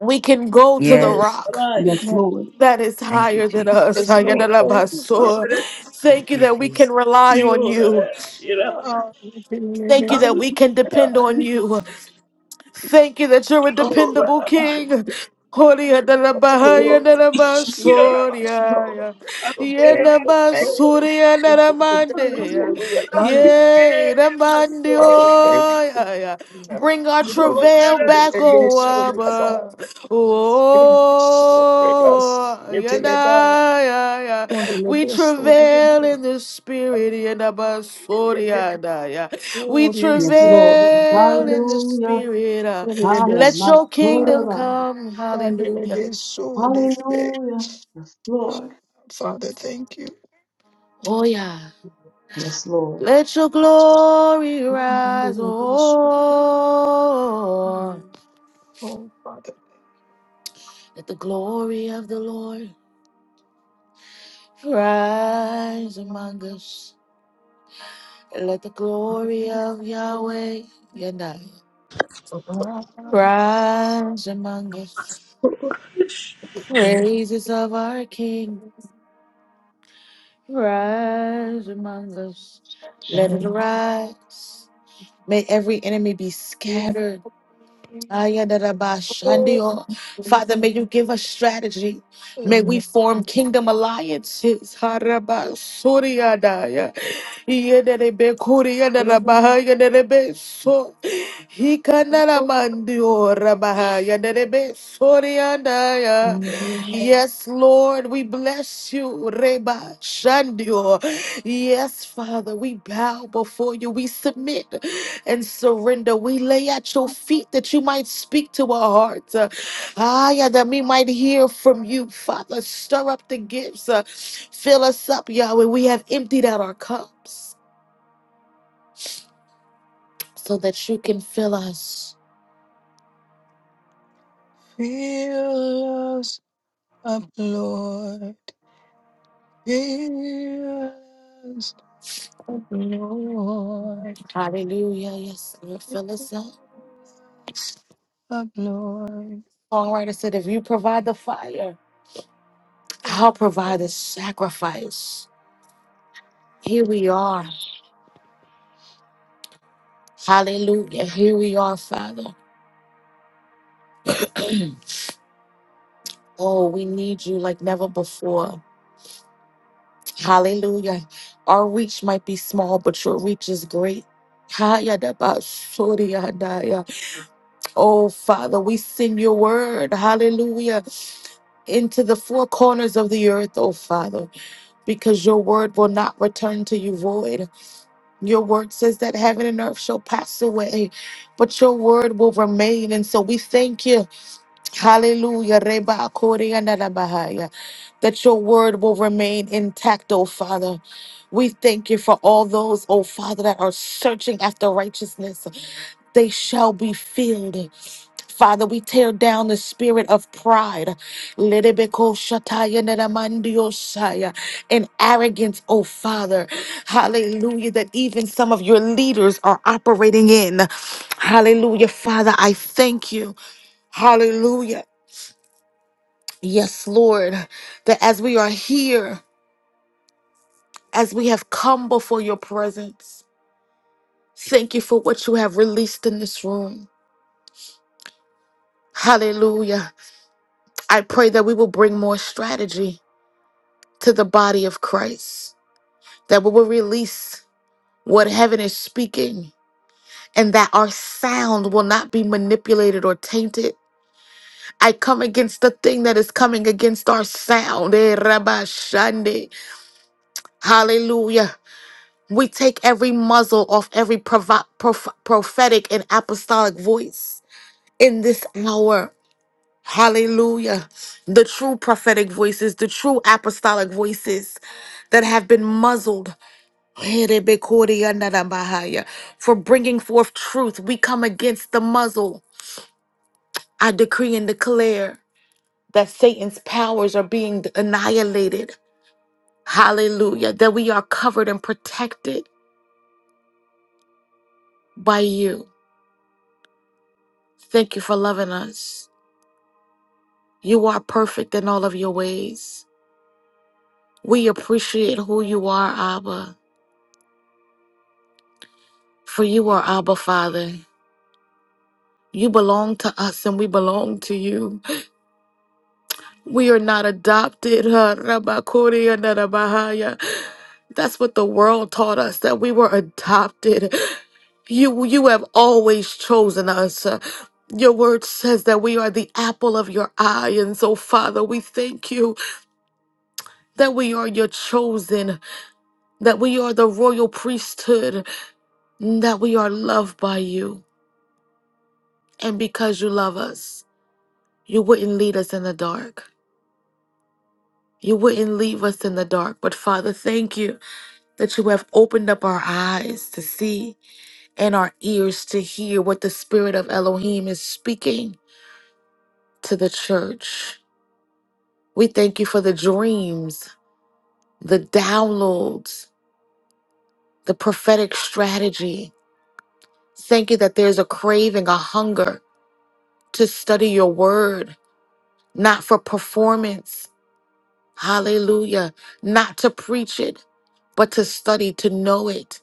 we can go to the Yes. rock. Yes, Lord. that is Thank you, higher than us. Yes, Jesus. Lord. Thank you, Here Father. Ayadalabaso. it is. Thank Thank you you, that we can Jesus. rely on you. Here it is. Um, we can hear Thank you this. that Let's we can depend on Hallelujah. you. Thank you that you're a Oh, dependable Rabbi. king. Holy go. Adarabahaya Thank Lord. you. Narabasoria. So thank you. Thank you. Thank you Yenabasuria thank you Naramande. for Hallelujah. realigning, Father. Thank you. Yenamandio. Bring Ah, our we can do this. travail We back, can do O this. We can do that. Abba. We can do this. Oh, We can do this. We can do that. Yanaya. We can do We this. travail We in the spirit. can do that. Yenabasoria. We Oh, yes, Yes, Lord, Lord. we travail in the bless you. Hallelujah. spirit. uh, We Haya bless Let you. your kingdom Masurabari. come. And we Hallelujah. bless you this day. Hallelujah. Yes, Lord. Father, thank you. Oh, yeah. Yes, Lord. Let your glory rise. Mandele beso. Oh, Oh, Father, thank let the glory of the Lord rise among us. And let the glory you. of Thank Yahweh, Yadai, rise among us. The praises of our King. Rise among us. Let it rise. May every enemy be you. scattered. Ayadadabashandio. Father, may you give us strategy. May we form kingdom alliances. Harabasuriadaya. Yededebekuriadadabahayadedebeso. Hikanaramandiorabahayadedebesoriadaya. Yes, Lord, we bless you. Reba Shandio. Yes, Father, we bow before you. We submit and surrender. We lay at your feet that you might speak to our hearts. Uh, ah, yeah, that we might hear from you, Father. Stir up the gifts. Uh, fill us up, Yahweh. We have emptied out our cups so that you can fill us. Fill us up, Lord. Fill us of Lord, Hallelujah. Yes, Lord, fill us up. of Lord. All right, I said, if you provide the fire, I'll provide the sacrifice. Here we are. Hallelujah. Here we are, Father. (clears throat) Oh, we need you like never before. Hallelujah. Our reach might be small, but your reach is great. Hayadabashoriyadaya. Oh, Father, we send your word. Hallelujah. Into the four corners of the earth, oh Father, because your word will not return to you void. Your word says that heaven and earth shall pass away, but your word will remain. And so we thank you. Hallelujah. Reba Korea Nada Bahaya. That your word will remain intact, oh Father. We thank you for all those, oh Father, that are searching after righteousness. They shall be filled. Father, we tear down the spirit of pride Lerebeko shataya neramandiosaya, and arrogance, oh Father. Hallelujah, that even some of your leaders are operating in. Hallelujah, Father, I thank you. Hallelujah. Yes, Lord, that as we are here, as we have come before your presence, thank you for what you have released in this room. Hallelujah. I pray that we will bring more strategy to the body of Christ, that we will release what heaven is speaking, and that our sound will not be manipulated or tainted. I come against the thing that is coming against our sound. Eh, Rabba Shande. Hallelujah. We take every muzzle off every provo- prof- prophetic and apostolic voice in this hour. Hallelujah. The true prophetic voices, the true apostolic voices that have been muzzled for bringing forth truth. We come against the muzzle. I decree and declare that Satan's powers are being annihilated. Hallelujah. That we are covered and protected by you. Thank you for loving us. You are perfect in all of your ways. We appreciate who you are, Abba, for you are Abba, Father. You belong to us and we belong to you. We are not adopted. huh, Rabakuri and Rabahaya. That's what the world taught us, that we were adopted. You, you have always chosen us. Your word says that we are the apple of your eye. And so, Father, we thank you that we are your chosen. that we are the royal priesthood, that we are loved by you. And because you love us, you wouldn't lead us in the dark. You wouldn't leave us in the dark. But Father, thank you that you have opened up our eyes to see and our ears to hear what the Spirit of Elohim is speaking to the church. We thank you for the dreams, the downloads, the prophetic strategy. Thank you that there's a craving, a hunger to study your word not for performance. Hallelujah. Not to preach it, but to study, to know it,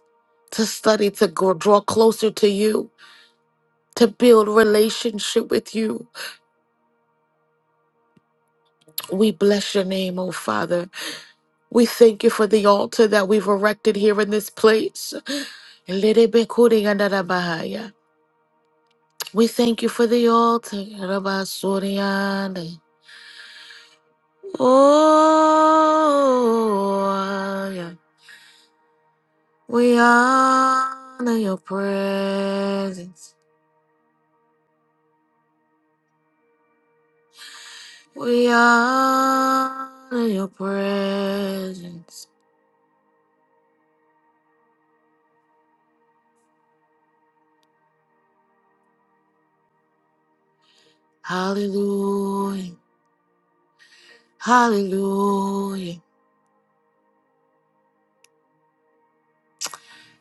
to study, to grow, draw closer to you, to build relationship with you. We bless your name, oh Father. We thank you for the altar that we've erected here in this place. We thank you for the altar. Oh, yeah. We honor your presence. We honor your presence. Hallelujah. Hallelujah.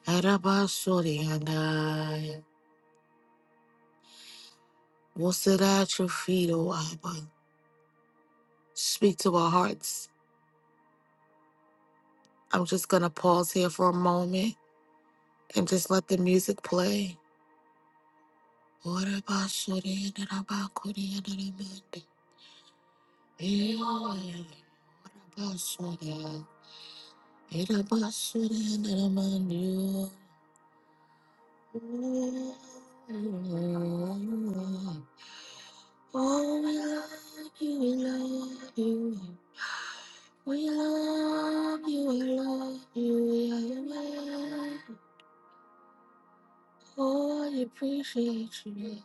Arabasori andai. We'll sit at your feet, O Abba. Speak to our hearts. I'm just going to pause here for a moment and just let the music play. Orabasori andarabakori andarabandi. Yeah. Orabasori. Oh, we love you, we love you. We love you, we love you, we are your man. Oh, I appreciate you.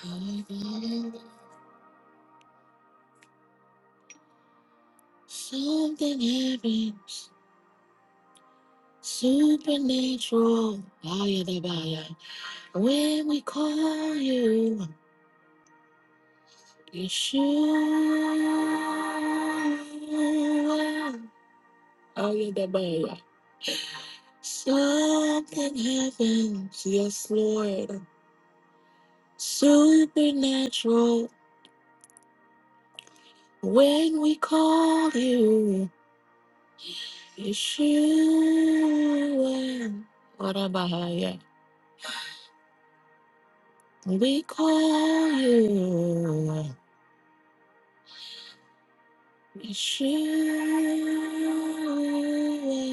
Oh, Something heavy, supernatural. Baya da baya. When we call you, Yeshua. baya. da baya. Something happens, yes, Lord. Supernatural. When we call you, Yeshua. Orabahaya. We call you. Surely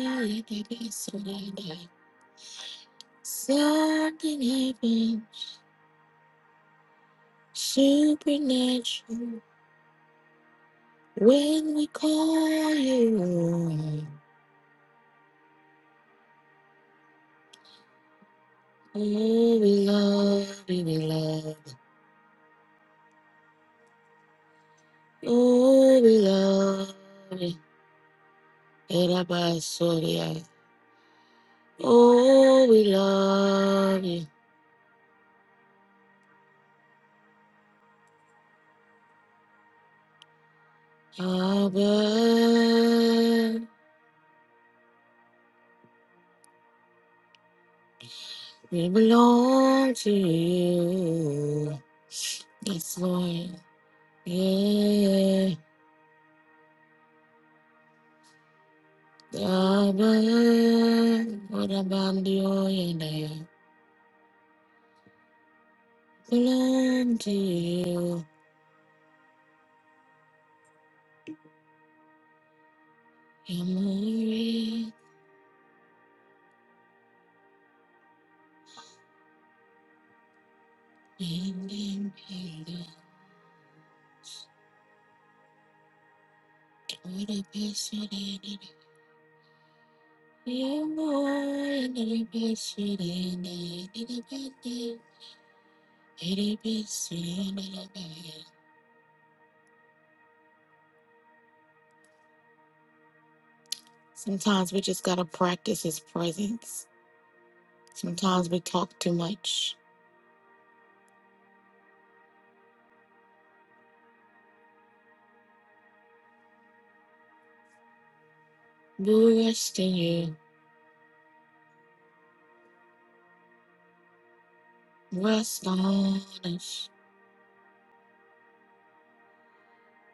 there is Something something happens supernatural when we call you. Oh, we love you, we love you. Oh, we love you. Erabasoria. Oh, we love you. Abba, we belong to you. Yes, Lord. Yeah. Abba, What about you and I belong to you? You're more and impaled. What a passion in it. You're more and a passion in it. It is Sometimes we just gotta practice his presence. Sometimes we talk too much. We rest in you. Rest on us.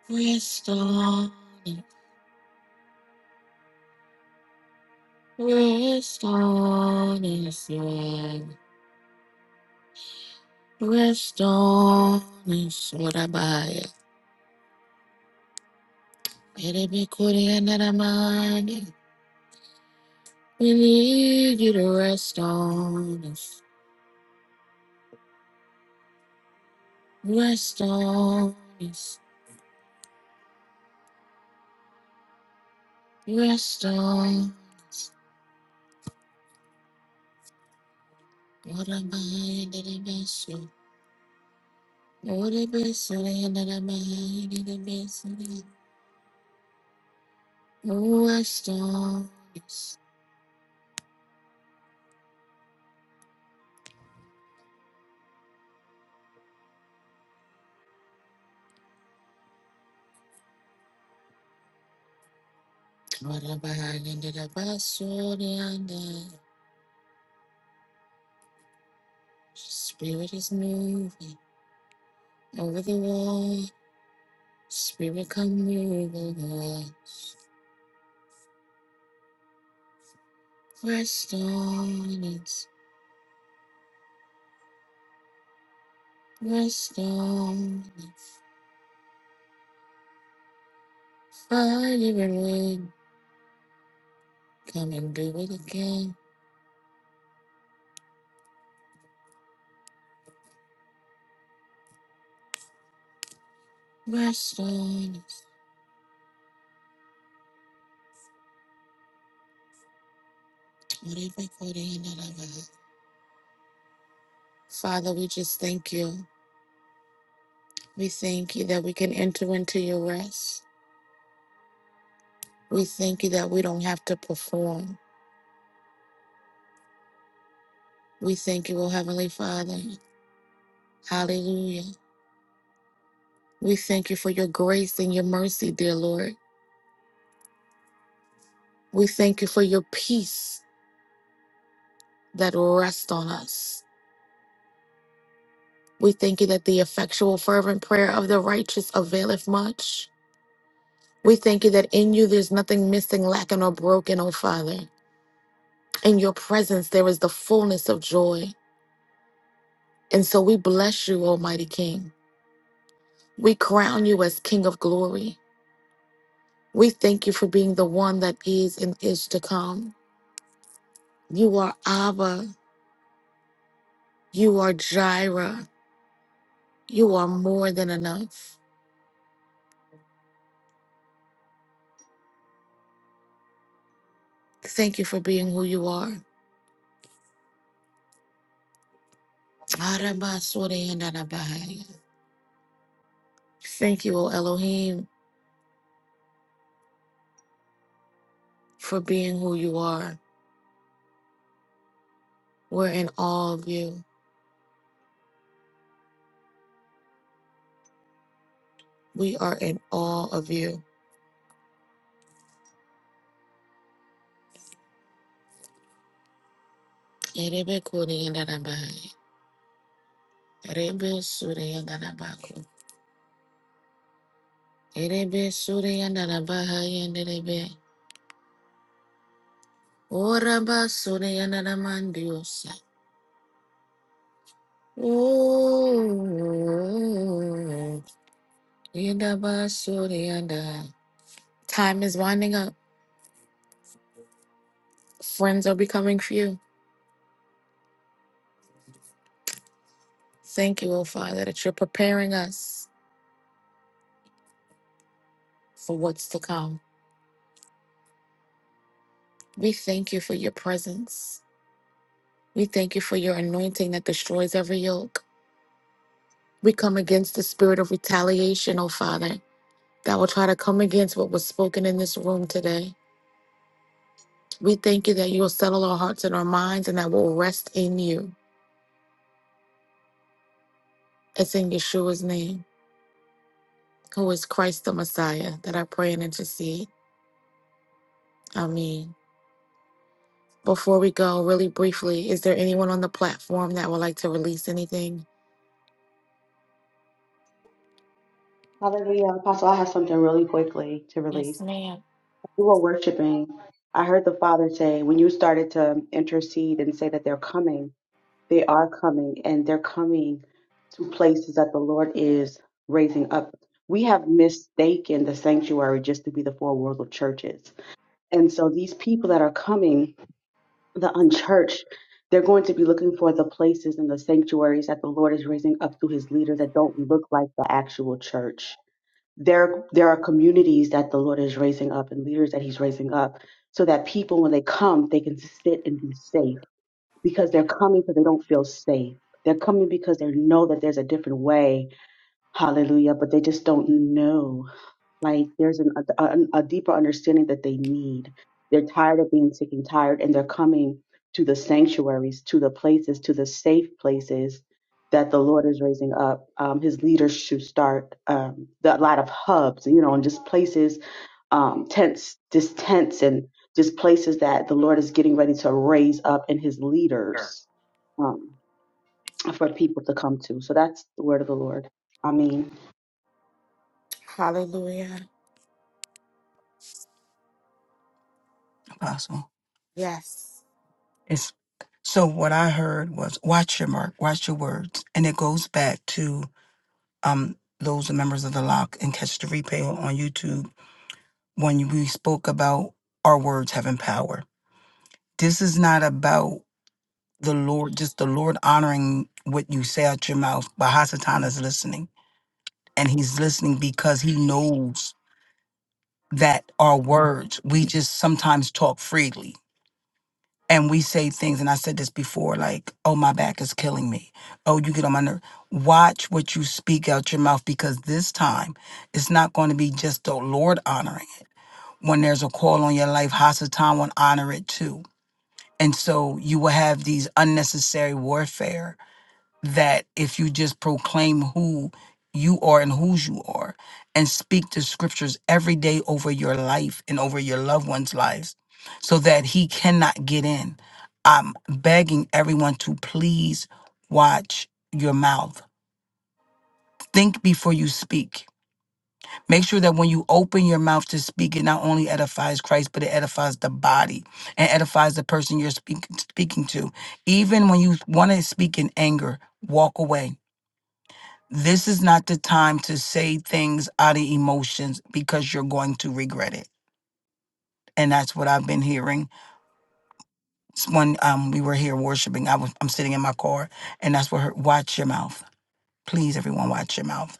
Rest on us. Rest on us, Lord. Rest on us, Murabaya. Let it be Kuri and Aramani. We need you to rest on us. Rest on us. Rest on Murabaya and Arabasu. Murabaya and Aramani. Rest on us. Spirit is moving over the wall. Spirit come moving on. Rest on us. Rest on us. Fire and wind. Come and do it again. Rest on us. Whatever God in and of us. Father, we just thank you. We thank you that we can enter into your rest. We thank you that we don't have to perform. We thank you, O Heavenly Father. Hallelujah. We thank you for your grace and your mercy, dear Lord. We thank you for your peace that rests on us. We thank you that the effectual, fervent prayer of the righteous availeth much. We thank you that in you there's nothing missing, lacking, or broken, O Father. In your presence there is the fullness of joy. And so we bless you, Almighty King. We crown you as King of glory. We thank you for being the one that is and is to come. You are Abba. You are Jireh. You are more than enough. Thank you for being who you are. Arabasuriyandarabahaya. Thank you, O Elohim, for being who you are. We're in awe of you. We are in awe of you. Erebekuriyandarabahaya. Erebesuriyandarabako. Erebesuriyandarabahaya nerebe. Orabasuriyandaramandiosa. Ooh, yidabasurianda. Time is winding up. Friends are becoming few. Thank you, O Father, that you're preparing us for what's to come. We thank you for your presence. We thank you for your anointing that destroys every yoke. We come against the spirit of retaliation, O Father, that will try to come against what was spoken in this room today. We thank you that you will settle our hearts and our minds and that we'll rest in you. It's in Yeshua's name. who is Christ the Messiah, that I pray and intercede. Amen. Before we go, really briefly, is there anyone on the platform that would like to release anything? Hallelujah. Yes, ma'am. You were worshiping. I heard the Father say, when you started to intercede and say that they're coming, they are coming, and they're coming to places that the Lord is raising up. We have mistaken the sanctuary just to be the four walls of churches. And so these people that are coming, the unchurched, they're going to be looking for the places and the sanctuaries that the Lord is raising up through his leaders that don't look like the actual church. There, there are communities that the Lord is raising up and leaders that he's raising up so that people, when they come, they can sit and be safe because they're coming because they don't feel safe. They're coming because they know that there's a different way. Hallelujah. But they just don't know. Like there's an, a, a deeper understanding that they need. They're tired of being sick and tired, and they're coming to the sanctuaries, to the places, to the safe places that the Lord is raising up. Um, his leaders should start um, the, a lot of hubs, you know, and just places, um, tents, just tents, and just places that the Lord is getting ready to raise up in His leaders um, for people to come to. So that's the word of the Lord. I mean. Hallelujah. Apostle. Yes. Yes. So what I heard was watch your mark, watch your words. And it goes back to um those members of the lock and catch the replay on YouTube when we spoke about our words having power. This is not about the Lord, just the Lord honoring what you say out your mouth, but Hasatan is listening. And he's listening because he knows. that are words. We just sometimes talk freely and we say things. And I said this before like, oh, my back is killing me. Oh, you get on my nerve. Watch what you speak out your mouth because this time it's not going to be just the Lord honoring it. When there's a call on your life, Hasatan will honor it too. And so you will have these unnecessary warfare that if you just proclaim who you are and whose you are and speak the scriptures every day over your life and over your loved ones' lives so that he cannot get in. I'm begging everyone to please watch your mouth. Think before you speak. Make sure that when you open your mouth to speak, it not only edifies Christ, but it edifies the body and edifies the person you're speak, speaking to. Even when you want to speak in anger, walk away this is not the time to say things out of emotions because you're going to regret it. And that's what I've been hearing. It's When um, we were here worshiping, I was, I'm sitting in my car, and that's what her, watch your mouth. Please, everyone, watch your mouth.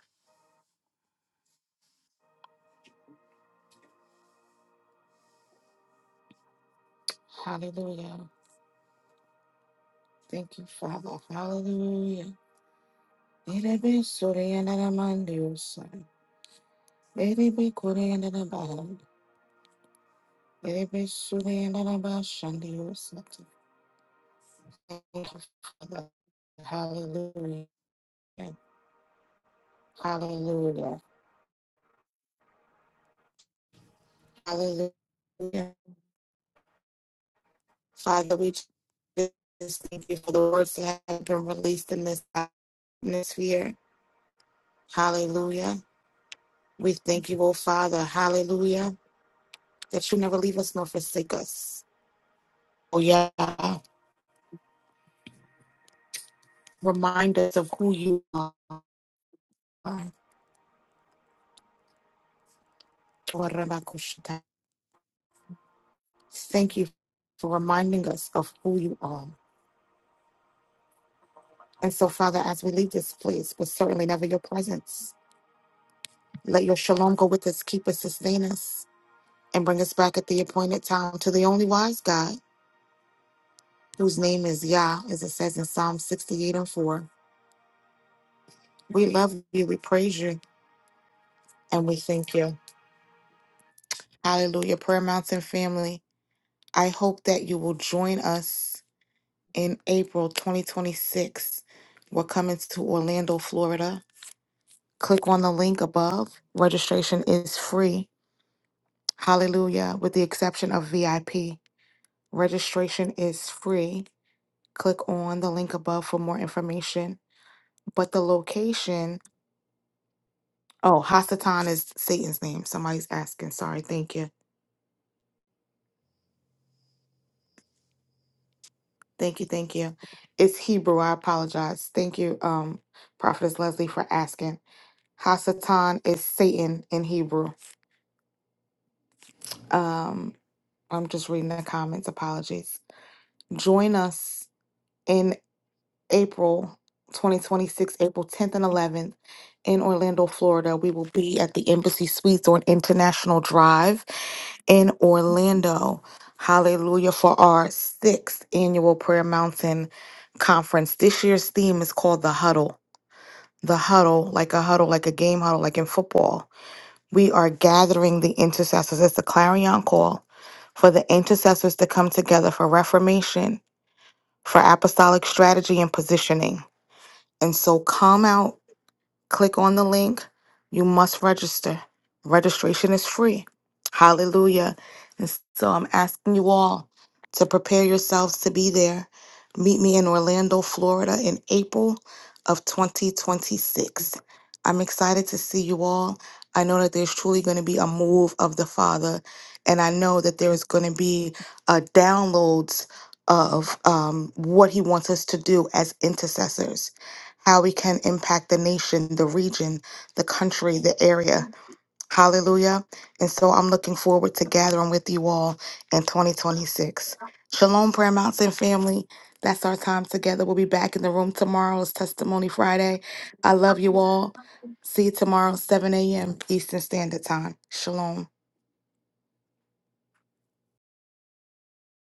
Hallelujah. Thank you, Father. Hallelujah. Let it be sorry and let it mind you, son. Let it Thank you, Father. Hallelujah. Hallelujah. Hallelujah. Father, we just thank you for the words that have been released in this atmosphere. Hallelujah. We thank you, oh Father. Hallelujah. That you never leave us nor forsake us. Oh, yeah. Remind us of who you are. Thank you for reminding us of who you are. And so, Father, as we leave this place, but certainly never your presence, let your shalom go with us, keep us, sustain us. and bring us back at the appointed time to the only wise God, whose name is Yah, as it says in Psalm 68 and 4. We love you, we praise you, and we thank you. Hallelujah, Prayer Mountain family. I hope that you will join us in April 2026. We're coming to Orlando, Florida. Click on the link above. Registration is free. Hallelujah, with the exception of VIP. Registration is free. Click on the link above for more information But the location, oh, Hasatan is Satan's name. Somebody's asking. Sorry. Thank you. Thank you. Thank you. It's Hebrew. I apologize. Thank you, um, Prophetess Leslie, for asking. Hasatan is Satan in Hebrew. Um, I'm just reading the comments. Apologies. Join us in April 2026, April 10th and 11th in Orlando, Florida. We will be at the Embassy Suites on International Drive. in Orlando. Hallelujah for our sixth annual Prayer Mountain conference. This year's theme is called the huddle. The huddle, like a huddle, like a game huddle, like in football. We are gathering the intercessors. It's the clarion call for the intercessors to come together for reformation, for apostolic strategy and positioning. And so come out Click on the link. You must register. Registration is free. Hallelujah. And so I'm asking you all to prepare yourselves to be there. Meet me in Orlando, Florida in April of 2026. I'm excited to see you all. I know that there's truly going to be a move of the Father, and I know that there's going to be uh, downloads of um, what He wants us to do as intercessors how we can impact the nation, the region, the country, the area. Hallelujah. And so I'm looking forward to gathering with you all in 2026. Shalom, Prayer Mountain family. That's our time together. We'll be back in the room tomorrow. It's Testimony Friday. I love you all. See you tomorrow, 7 a.m. Eastern Standard Time. Shalom.